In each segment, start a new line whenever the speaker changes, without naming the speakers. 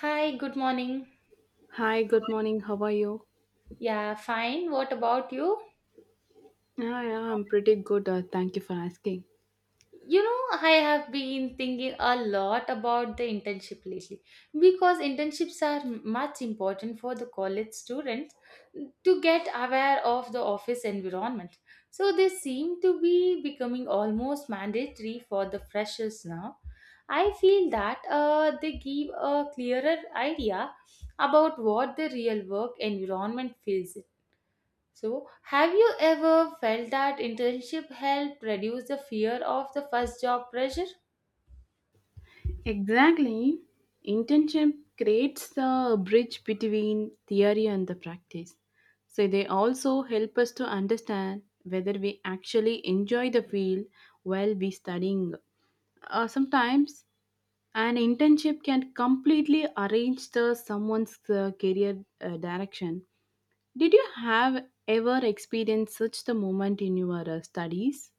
Hi, good morning.
Hi, good morning. How are you?
Yeah, fine. What about you?
Yeah, I'm pretty good. Thank you for asking.
You know, I have been thinking a lot about the internship lately because internships are much important for the college students to get aware of the office environment. So they seem to be becoming almost mandatory for the freshers now. I feel that they give a clearer idea about what the real work environment feels. So, have you ever felt that internship helped reduce the fear of the first job pressure?
Exactly. Internship creates the bridge between theory and the practice. So they also help us to understand whether we actually enjoy the field while we studying. Sometimes an internship can completely arrange the someone's career direction. Did you have ever experienced such the moment in your studies?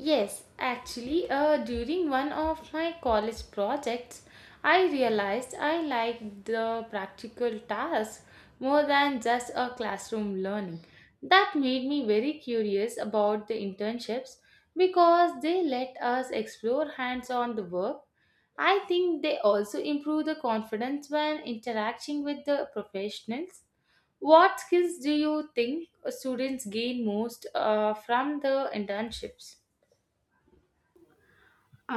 Yes, actually, during one of my college projects, I realized I liked the practical tasks more than just a classroom learning. That made me very curious about the internships because they let us explore hands on the work. I think they also improve the confidence when interacting with the professionals. What skills do you think students gain most from the internships?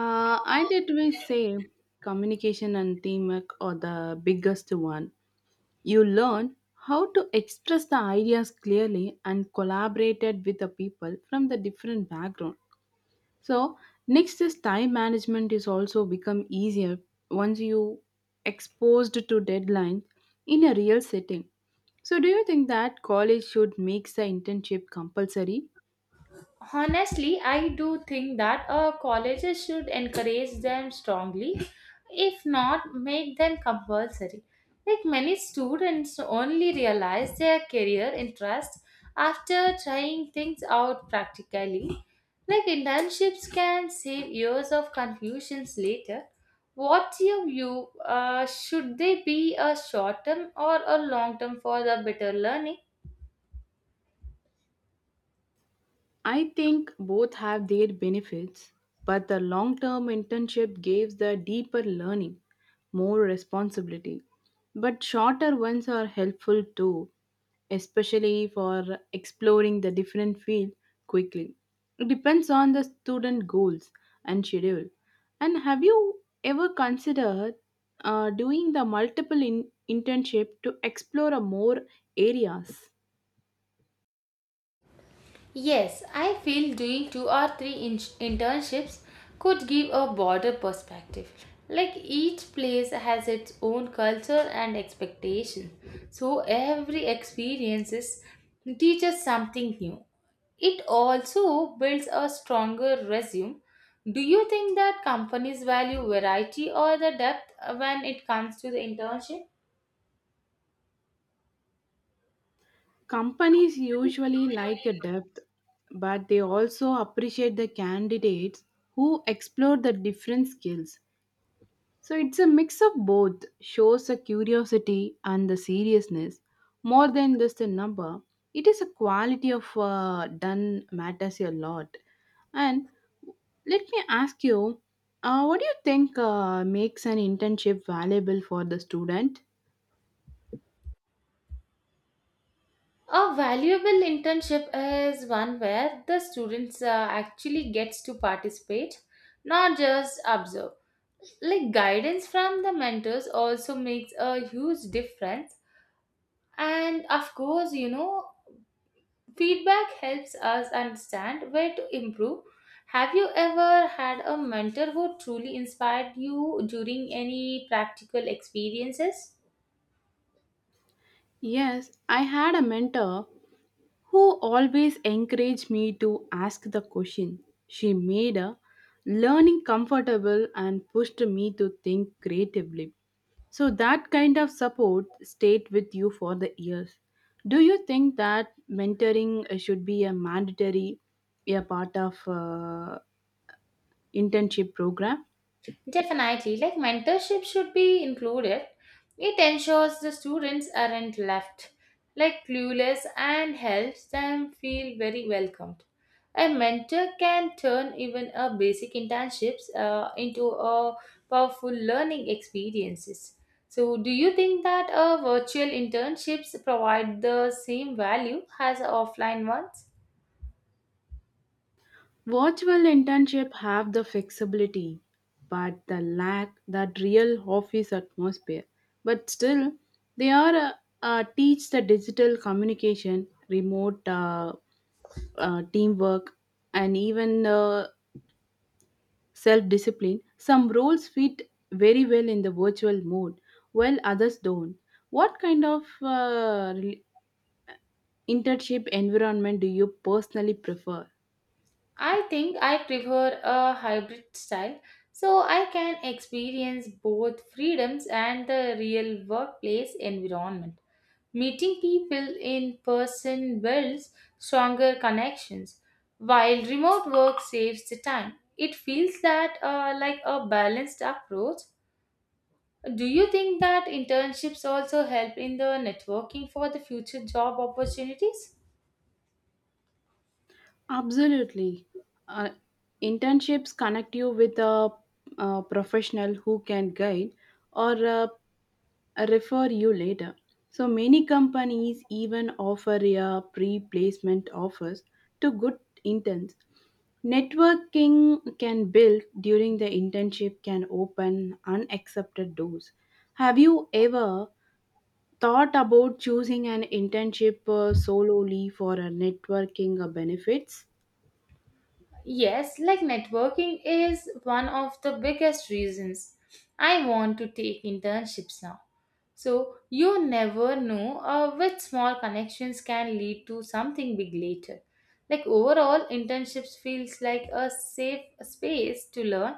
I did. We say communication and teamwork are the biggest one. You learn how to express the ideas clearly and collaborated with the people from the different background. So next is time management is also become easier once you exposed to deadline in a real setting. So do you think that college should make the internship compulsory?
Honestly, I do think that colleges should encourage them strongly, if not make them compulsory. Like, many students only realize their career interest after trying things out practically. Like, internships can save years of confusions later. What's your view? Should they be a short term or a long term for the better learning?
I think both have their benefits, but the long term internship gives the deeper learning, more responsibility. But shorter ones are helpful too, especially for exploring the different field quickly. It depends on the student goals and schedule. And have you ever considered doing the multiple internship to explore a more areas?
Yes, I feel doing two or three internships could give a broader perspective. Like, each place has its own culture and expectation, so every experiences teaches something new. It also builds a stronger resume. Do you think that companies value variety or the depth when it comes to the internship?
Companies usually like a depth, but they also appreciate the candidates who explore the different skills. So it's a mix of both, shows the curiosity and the seriousness. More than just a number, it is a quality of done matters a lot. And let me ask you, what do you think makes an internship valuable for the student?
A valuable internship is one where the students actually gets to participate, not just observe. Like, guidance from the mentors also makes a huge difference. And of course, you know, feedback helps us understand where to improve. Have you ever had a mentor who truly inspired you during any practical experiences?
Yes, I had a mentor who always encouraged me to ask the question. She made a learning comfortable and pushed me to think creatively. So that kind of support stayed with you for the years. Do you think that mentoring should be a mandatory a part of internship program?
Definitely, like mentorship should be included. It ensures the students aren't left like clueless and helps them feel very welcomed. A mentor can turn even a basic internships into a powerful learning experiences. So, do you think that virtual internships provide the same value as offline ones?
Virtual internship have the flexibility, but the lack that real office atmosphere. But still, they are teach the digital communication, remote teamwork, and even self discipline. Some roles fit very well in the virtual mode, while others don't. What kind of internship environment do you personally prefer?
I think I prefer a hybrid style so I can experience both freedoms and the real workplace environment. Meeting people in person builds stronger connections, while remote work saves the time. It feels that like a balanced approach. Do you think that internships also help in the networking for the future job opportunities?
Absolutely. Uh, internships connect you with a, professional who can guide or refer you later. So many companies even offer a pre placement offers to good interns. Networking can build during the internship can open unaccepted doors. Have you ever thought about choosing an internship solely for a networking benefits?
Yes, like networking is one of the biggest reasons I want to take internships now. So you never know which small connections can lead to something big later. Like overall, internships feels like a safe space to learn,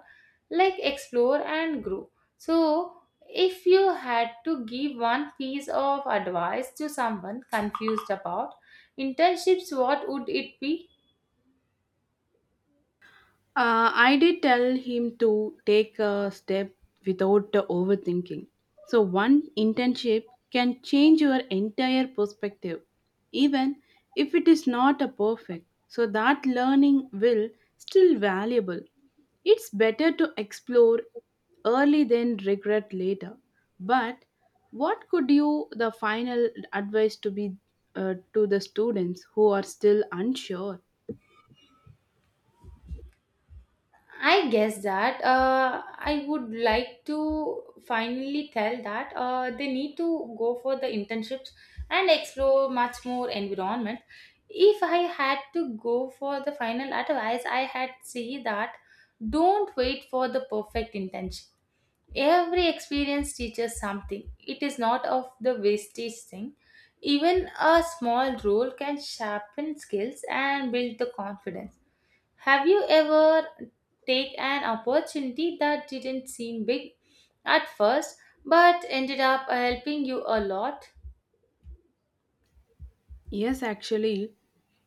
like explore and grow. So if you had to give one piece of advice to someone confused about internships, what would it be?
I did tell him to take a step without the overthinking. So, one internship can change your entire perspective, even if it is not a perfect. So, that learning will still valuable. It's better to explore early than regret later. But what could you the final advice to be to the students who are still unsure?
I guess that I would like to finally tell that they need to go for the internships and explore much more environment. If I had to go for the final advice, I had say that don't wait for the perfect internship. Every experience teaches something. It is not of the wastage thing. Even a small role can sharpen skills and build the confidence. Have you ever take an opportunity that didn't seem big at first but ended up helping you a lot?
Yes, actually,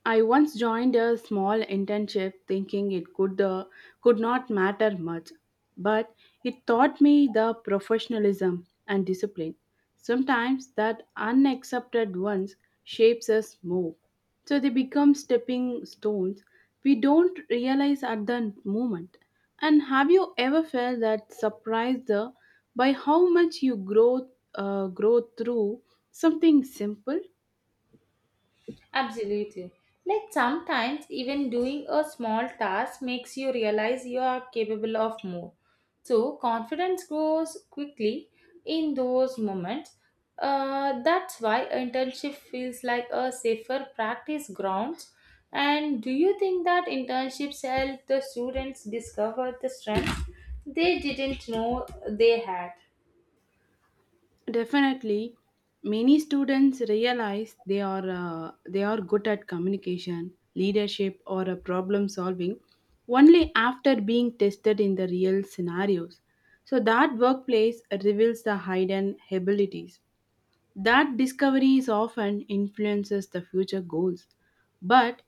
I once joined a small internship thinking it could not matter much, but it taught me the professionalism and discipline. Sometimes that unaccepted ones shapes us more, so they become stepping stones we don't realize at the moment. And have you ever felt that surprised by how much you grow through something simple?
Absolutely. Like sometimes even doing a small task makes you realize you are capable of more. So confidence grows quickly in those moments. That's why internship feels like a safer practice ground. And do you think that internships help the students discover the strengths they didn't know they had?
Definitely, many students realize they are good at communication, leadership, or problem solving only after being tested in the real scenarios. So that workplace reveals the hidden abilities. That discovery is often influences the future goals. But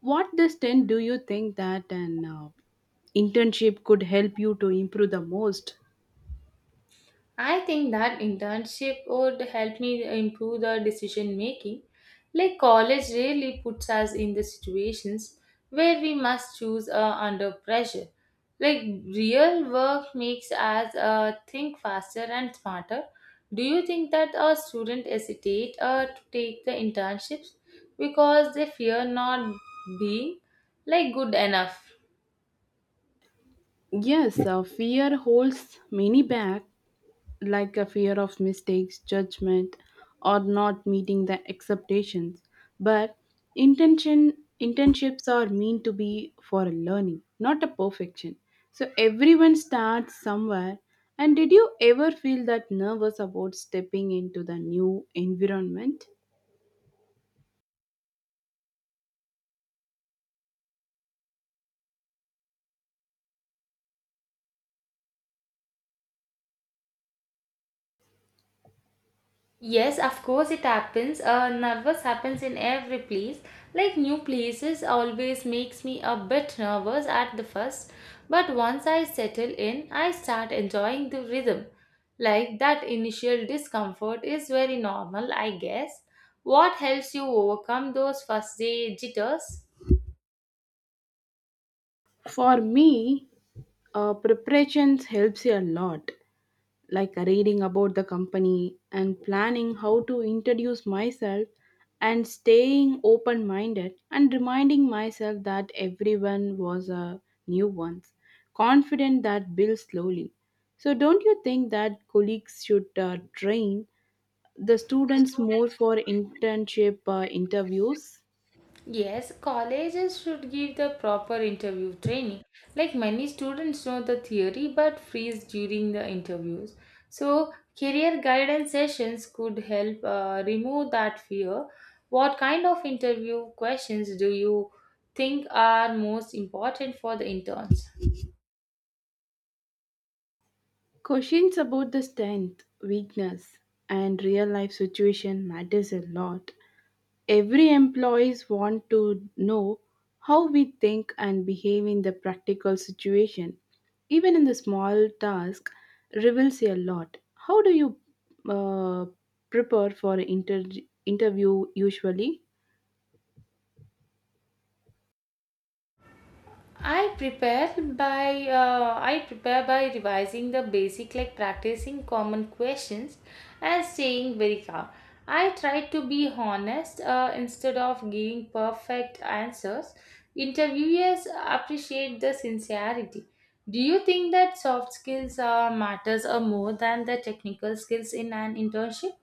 what extent do you think that an internship could help you to improve the most?
I think that internship would help me improve the decision making. Like college really puts us in the situations where we must choose under pressure. Like real work makes us think faster and smarter. Do you think that our students hesitate to take the internships because they fear not being like good enough?
Yes, fear holds many back, like a fear of mistakes, judgment, or not meeting the expectations. But intention internships are meant to be for a learning, not a perfection. So everyone starts somewhere. And did you ever feel that nervous about stepping into the new environment?
Yes, of course it happens. Nervous happens in every place. Like new places always makes me a bit nervous at the first, but once I settle in, I start enjoying the rhythm. Like that initial discomfort is very normal, I guess. What helps you overcome those first day jitters?
For me, preparations helps you a lot like reading about the company and planning how to introduce myself and staying open minded and reminding myself that everyone was a new one confident that builds slowly. So don't you think that colleagues should train the students more for internship interviews?
Yes, colleges should give the proper interview training. Like many students know the theory but freeze during the interviews. So, career guidance sessions could help remove that fear. What kind of interview questions do you think are most important for the interns?
Questions about the strength weakness and real life situation matters a lot. Every employees want to know how we think and behave in the practical situation. Even in the small task reveals a lot. How do you uh, prepare for interview usually?
I prepare by revising the basic, like practicing common questions and staying very calm. I try to be honest instead of giving perfect answers. Interviewers appreciate the sincerity. Do you think that soft skills matters more than the technical skills in an internship?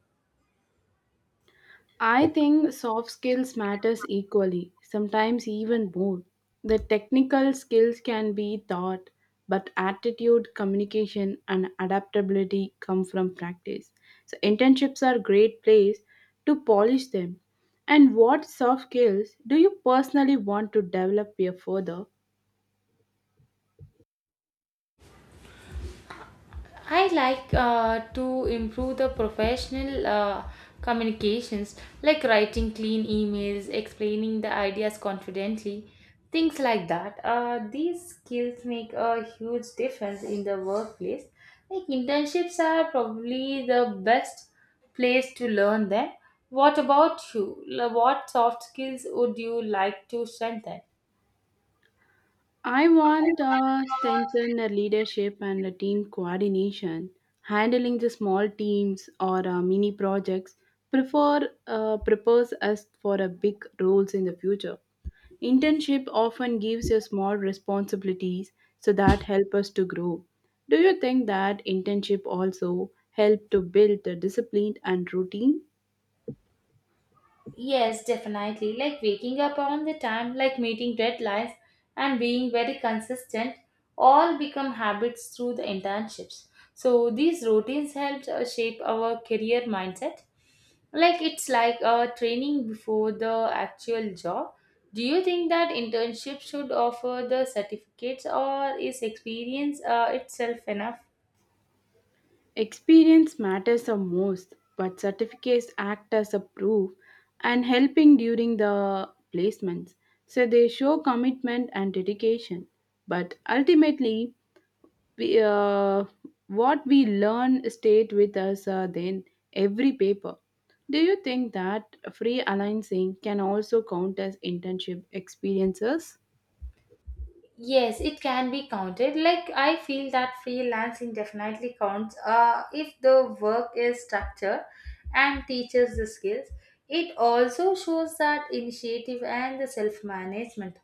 I think soft skills matters equally, sometimes even more. The technical skills can be taught, but attitude, communication and adaptability come from practice. So internships are great place to polish them. And what soft skills do you personally want to develop here further?
I like to improve the professional communications, like writing clean emails, explaining the ideas confidently, things like that. These skills make a huge difference in the workplace. Like internships are probably the best place to learn them. What about you? What soft skills would you like to strengthen?
I want strengthen the leadership and the team coordination, handling the small teams or mini projects. Prefer Prepares us for a big roles in the future. Internship often gives you small responsibilities, so that help us to grow. Do you think that internship also help to build the discipline and routine?
Yes, definitely. Like waking up on the time, like meeting deadlines, and being very consistent, all become habits through the internships. So these routines helped shape our career mindset. Like it's like a training before the actual job. Do you think that internship should offer the certificates, or is experience itself enough?
Experience matters the most, but certificates act as a proof and helping during the placements. So they show commitment and dedication. But ultimately, we, uh, what we learn stayed with us then every paper. Do you think that free alignment can also count as internship experiences?
Yes, it can be counted. Like I feel that freelancing definitely counts. If the work is structured and teaches the skills, it also shows that initiative and the self management,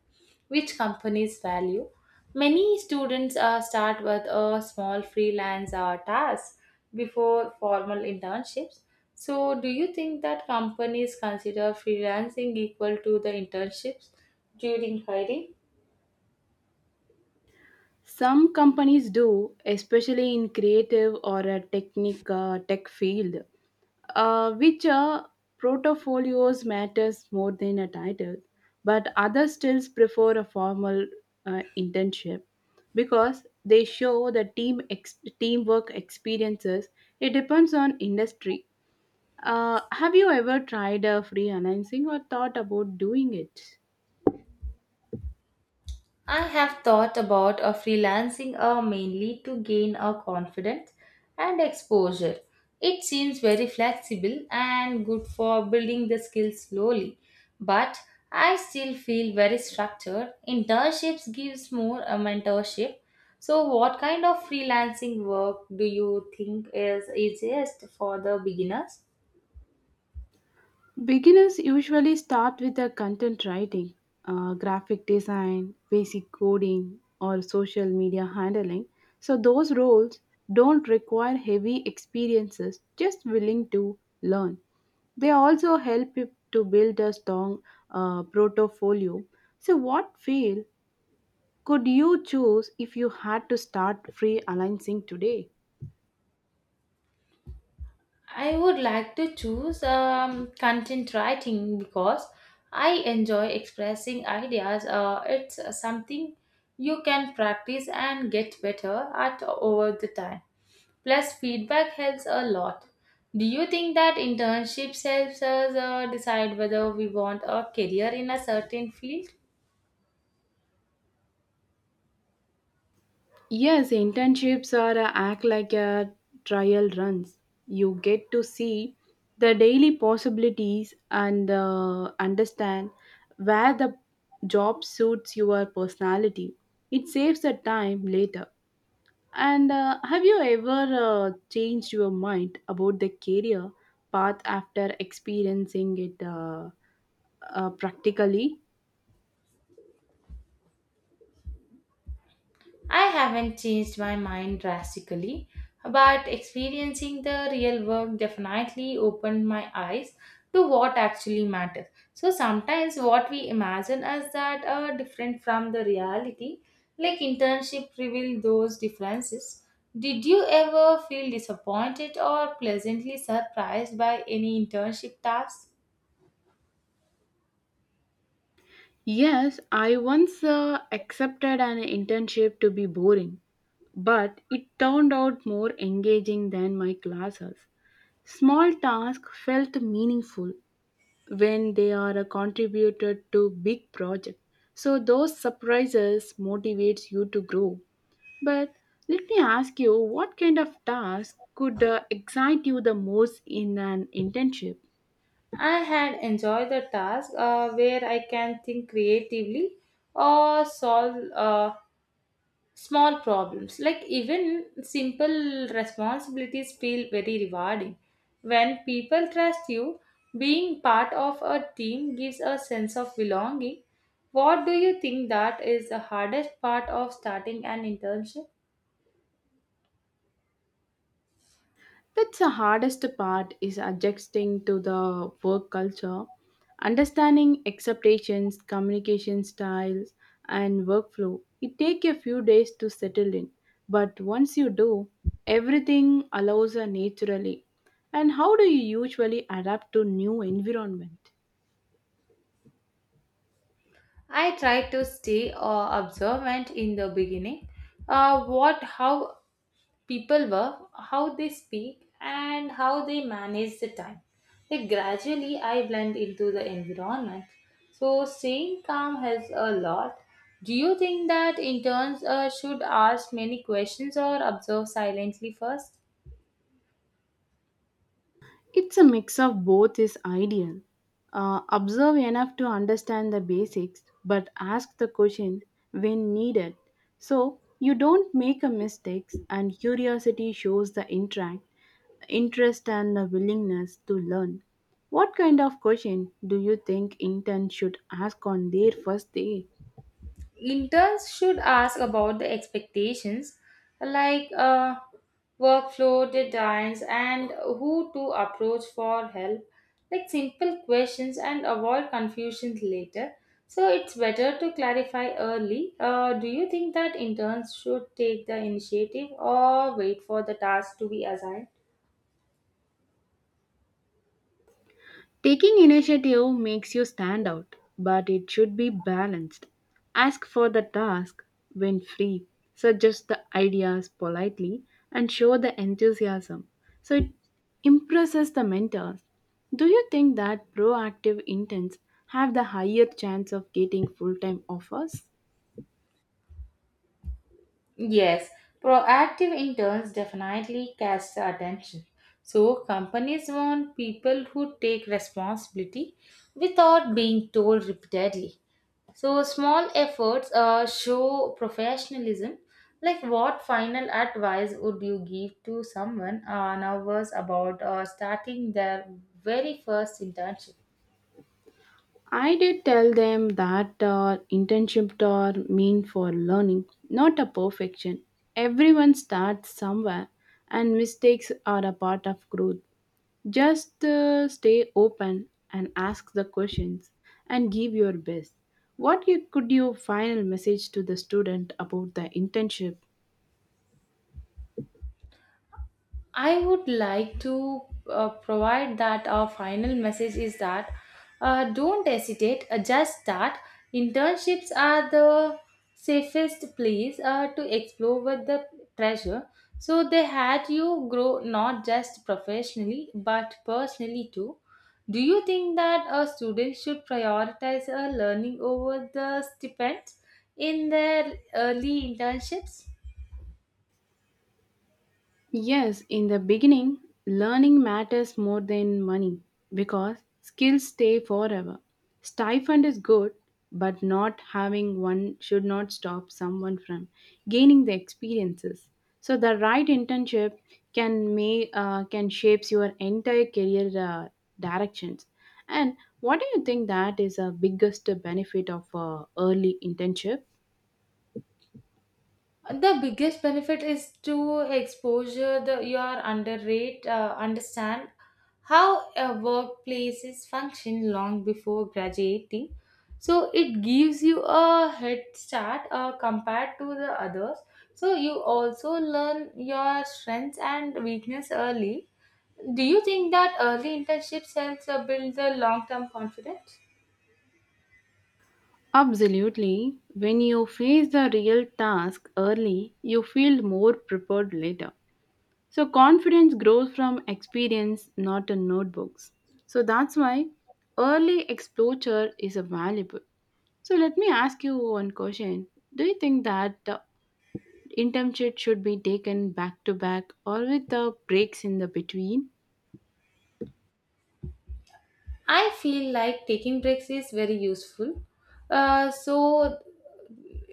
which companies value. Many students start with a small freelance task before formal internships. So, do you think that companies consider freelancing equal to the internships during hiring?
Some companies do, especially in creative or a tech field, which portfolios matters more than a title, but others still prefer a formal internship because they show the teamwork experiences. It depends on industry. Have you ever tried a freelancing or thought about doing it?
I have thought about a freelancing mainly to gain a confidence and exposure. It seems very flexible and good for building the skills slowly, but I still feel very structured. Internships gives more a mentorship. So what kind of freelancing work do you think is easiest for the beginners?
Beginners usually start with the content writing, graphic design, basic coding, or social media handling. So, those roles don't require heavy experiences, just willing to learn. They also help you to build a strong portfolio. So, what field could you choose if you had to start freelancing today?
I would like to choose content writing because I enjoy expressing ideas. It's something you can practice and get better at over the time. Plus, feedback helps a lot. Do you think that internships helps us decide whether we want a career in a certain field?
Yes, internships are a act like a trial runs. You get to see the daily possibilities and understand where the job suits your personality. It saves the time later. And have you ever changed your mind about the career path after experiencing it practically?
I haven't changed my mind drastically, but experiencing the real work definitely opened my eyes to what actually matters. So sometimes what we imagine as that are different from the reality, like internship reveal those differences. Did you ever feel disappointed or pleasantly surprised by any internship task?
Yes, I once accepted an internship to be boring, but it turned out more engaging than my classes. Small tasks felt meaningful when they are contributed to big project. So those surprises motivates you to grow. But let me ask you, what kind of task could excite you the most in an internship?
I had enjoyed the task where I can think creatively or solve small problems. Like even simple responsibilities feel very rewarding when people trust you. Being part of a team gives a sense of belonging. What do you think that is the hardest part of starting an internship?
That's the hardest part is adjusting to the work culture, understanding expectations, communication styles, and workflow. It takes a few days to settle in, but once you do, everything allows naturally. And how do you usually adapt to new environment?
I try to stay observant in the beginning, what how people were, how they speak, and how they manage the time. Like gradually, I blend into the environment. So staying calm has a lot. Do you think that interns should ask many questions or observe silently first?
It's a mix of both is ideal. Observe enough to understand the basics, but ask the question when needed. So you don't make a mistakes and curiosity shows the interest and the willingness to learn. What kind of question do you think intern should ask on their first day?
Interns should ask about the expectations, like workflow deadlines and who to approach for help. Like simple questions and avoid confusions later. So it's better to clarify early. Do you think that interns should take the initiative or wait for the task to be assigned?
Taking initiative makes you stand out, but it should be balanced. Ask for the task when free, suggest the ideas politely, and show the enthusiasm. So it impresses the mentors. Do you think that proactive intents have the higher chance of getting full time offers?
Yes, proactive interns definitely catch the attention. So companies want people who take responsibility without being told repeatedly. So small efforts show professionalism. Like what final advice would you give to someone nervous about starting their very first internship?
I did tell them that internships are mean for learning, not a perfection. Everyone starts somewhere, and mistakes are a part of growth. Just stay open and ask the questions and give your best. What you, could your final message to the student about the internship?
I would like to provide that our final message is that don't hesitate, just start. Internships are the safest place to explore with the treasure. So they had you grow not just professionally but personally too. Do you think that a student should prioritize learning over the stipends in their early internships?
Yes, in the beginning, learning matters more than money because skills stay forever. Stipend is good, but not having one should not stop someone from gaining the experiences. So the right internship can shapes your entire career directions. And what do you think that is a biggest benefit of early internship?
The biggest benefit is to exposure the your underrate understand how a workplaces function long before graduating. So it gives you a head start compared to the others. So you also learn your strengths and weakness early. Do you think that early internships helps build the long term confidence?
Absolutely. When you face the real task early, you feel more prepared later. So, confidence grows from experience, not in notebooks. So, that's why early exposure is a valuable. So, let me ask you one question. Do you think that the internship should be taken back to back or with the breaks in the between?
I feel like taking breaks is very useful. So,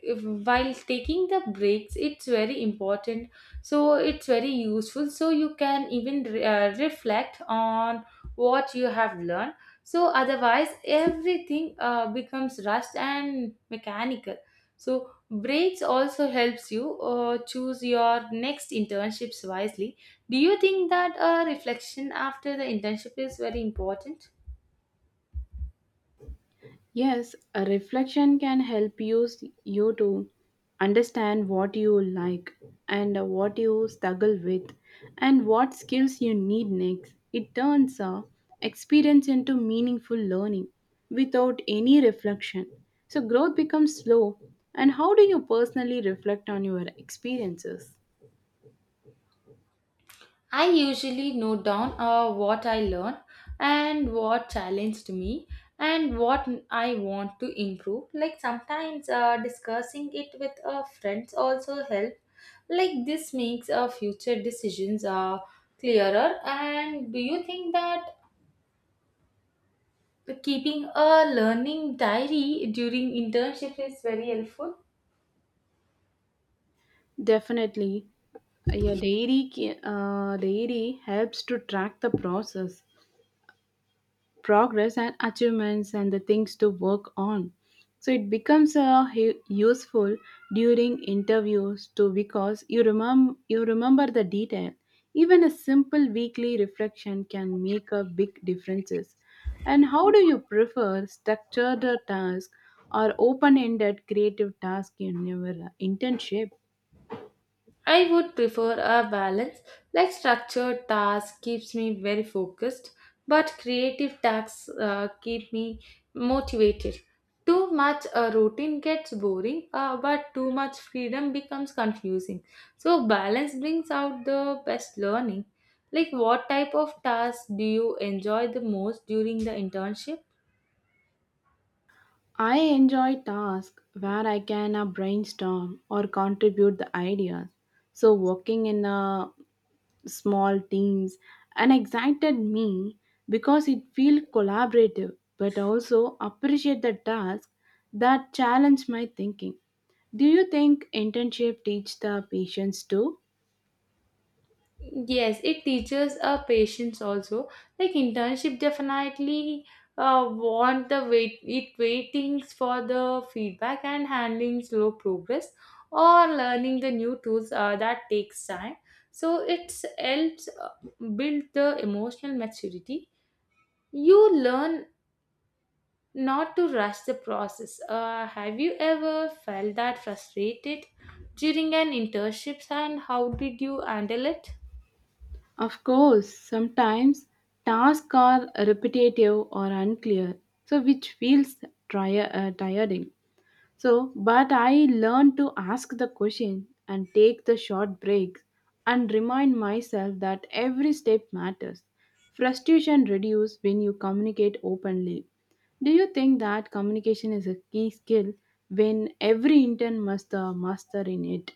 if, while taking the breaks, it's very important. So, it's very useful. So, you can even reflect on what you have learned. So, otherwise, everything becomes rushed and mechanical. So, breaks also helps you choose your next internships wisely. Do you think that a reflection after the internship is very important?
Yes, a reflection can help you, you to understand what you like and what you struggle with and what skills you need next. It turns experience into meaningful learning without any reflection. So growth becomes slow. And how do you personally reflect on your experiences?
I usually note down what I learned and what challenged me and what I want to improve. Like sometimes discussing it with friends also help. Like this makes future decisions clearer. And do you think that keeping a learning diary during internship is very helpful?
Definitely, yeah, diary helps to track the process progress and achievements and the things to work on, so it becomes useful during interviews too because you remember the detail. Even a simple weekly reflection can make a big differences. And how do you prefer structured task or open-ended creative task in your internship?
I would prefer a balance, like structured tasks keeps me very focused, but creative tasks keep me motivated. Too much a routine gets boring, but too much freedom becomes confusing. So balance brings out the best learning. Like what type of tasks do you enjoy the most during the internship?
I enjoy tasks where I can brainstorm or contribute the ideas. So working in a small teams and excited me because it feel collaborative, but also appreciate the task that challenge my thinking. Do you think internship teach the patience too?
Yes, it teaches a patience also. Like internship definitely want the waitings for the feedback and handling slow progress or learning the new tools that takes time. So it helps build the emotional maturity. You learn not to rush the process. Have you ever felt that frustrated during an internship and how did you handle it?
Of course, sometimes tasks are repetitive or unclear, so which feels tiring. But I learned to ask the question and take the short breaks and remind myself that every step matters. Frustration reduces when you communicate openly. Do you think that communication is a key skill when every intern must master in it?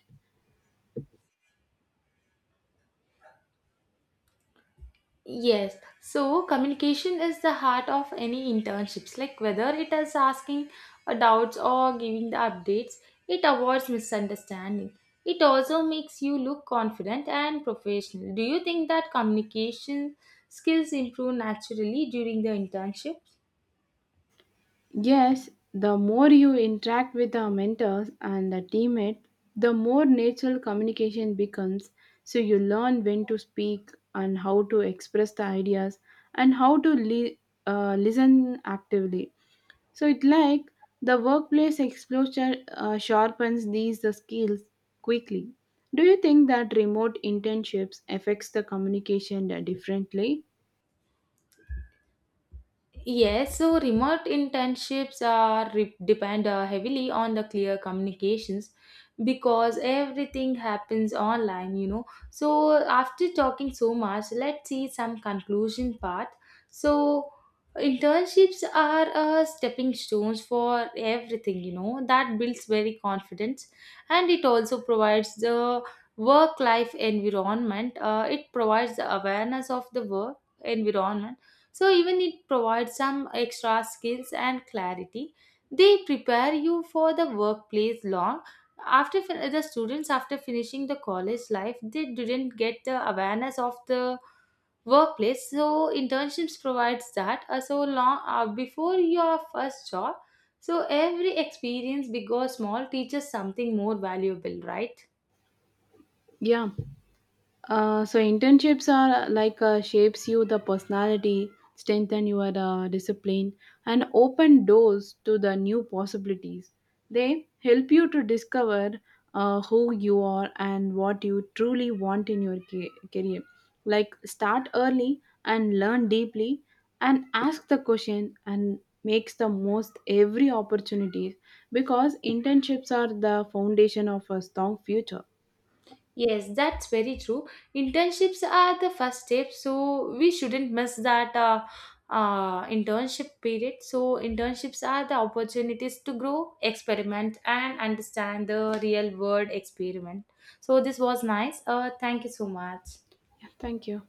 Yes, so communication is the heart of any internships. Like whether it is asking doubts or giving the updates, it avoids misunderstanding. It also makes you look confident and professional. Do you think that communication skills improve naturally during the internship?
Yes, the more you interact with the mentors and the teammate, the more natural communication becomes. So you learn when to speak and how to express the ideas and how to listen actively. So it like the workplace exposure sharpens these the skills quickly. Do you think that remote internships affects the communication differently?
Yes, so remote internships are depend heavily on the clear communications because everything happens online, you know. So after talking so much, let's see some conclusion part. So internships are stepping stones for everything, you know. That builds very confidence, and it also provides the work life environment. It provides the awareness of the work environment, so even it provides some extra skills and clarity. They prepare you for the workplace long after the students after finishing the college life they didn't get the awareness of the workplace, so internships provides that, so long before your first job. So every experience big or small teaches something more valuable, right?
Yeah. So internships are like shapes you the personality, strengthen your discipline, and open doors to the new possibilities. They help you to discover who you are and what you truly want in your career. Like start early and learn deeply, and ask the question and makes the most every opportunity because internships are the foundation of a strong future.
Yes, that's very true. Internships are the first step, so we shouldn't miss that internship period. So, internships are the opportunities to grow, experiment, and understand the real world experiment. So, this was nice. Thank you so much.
Yeah, thank you.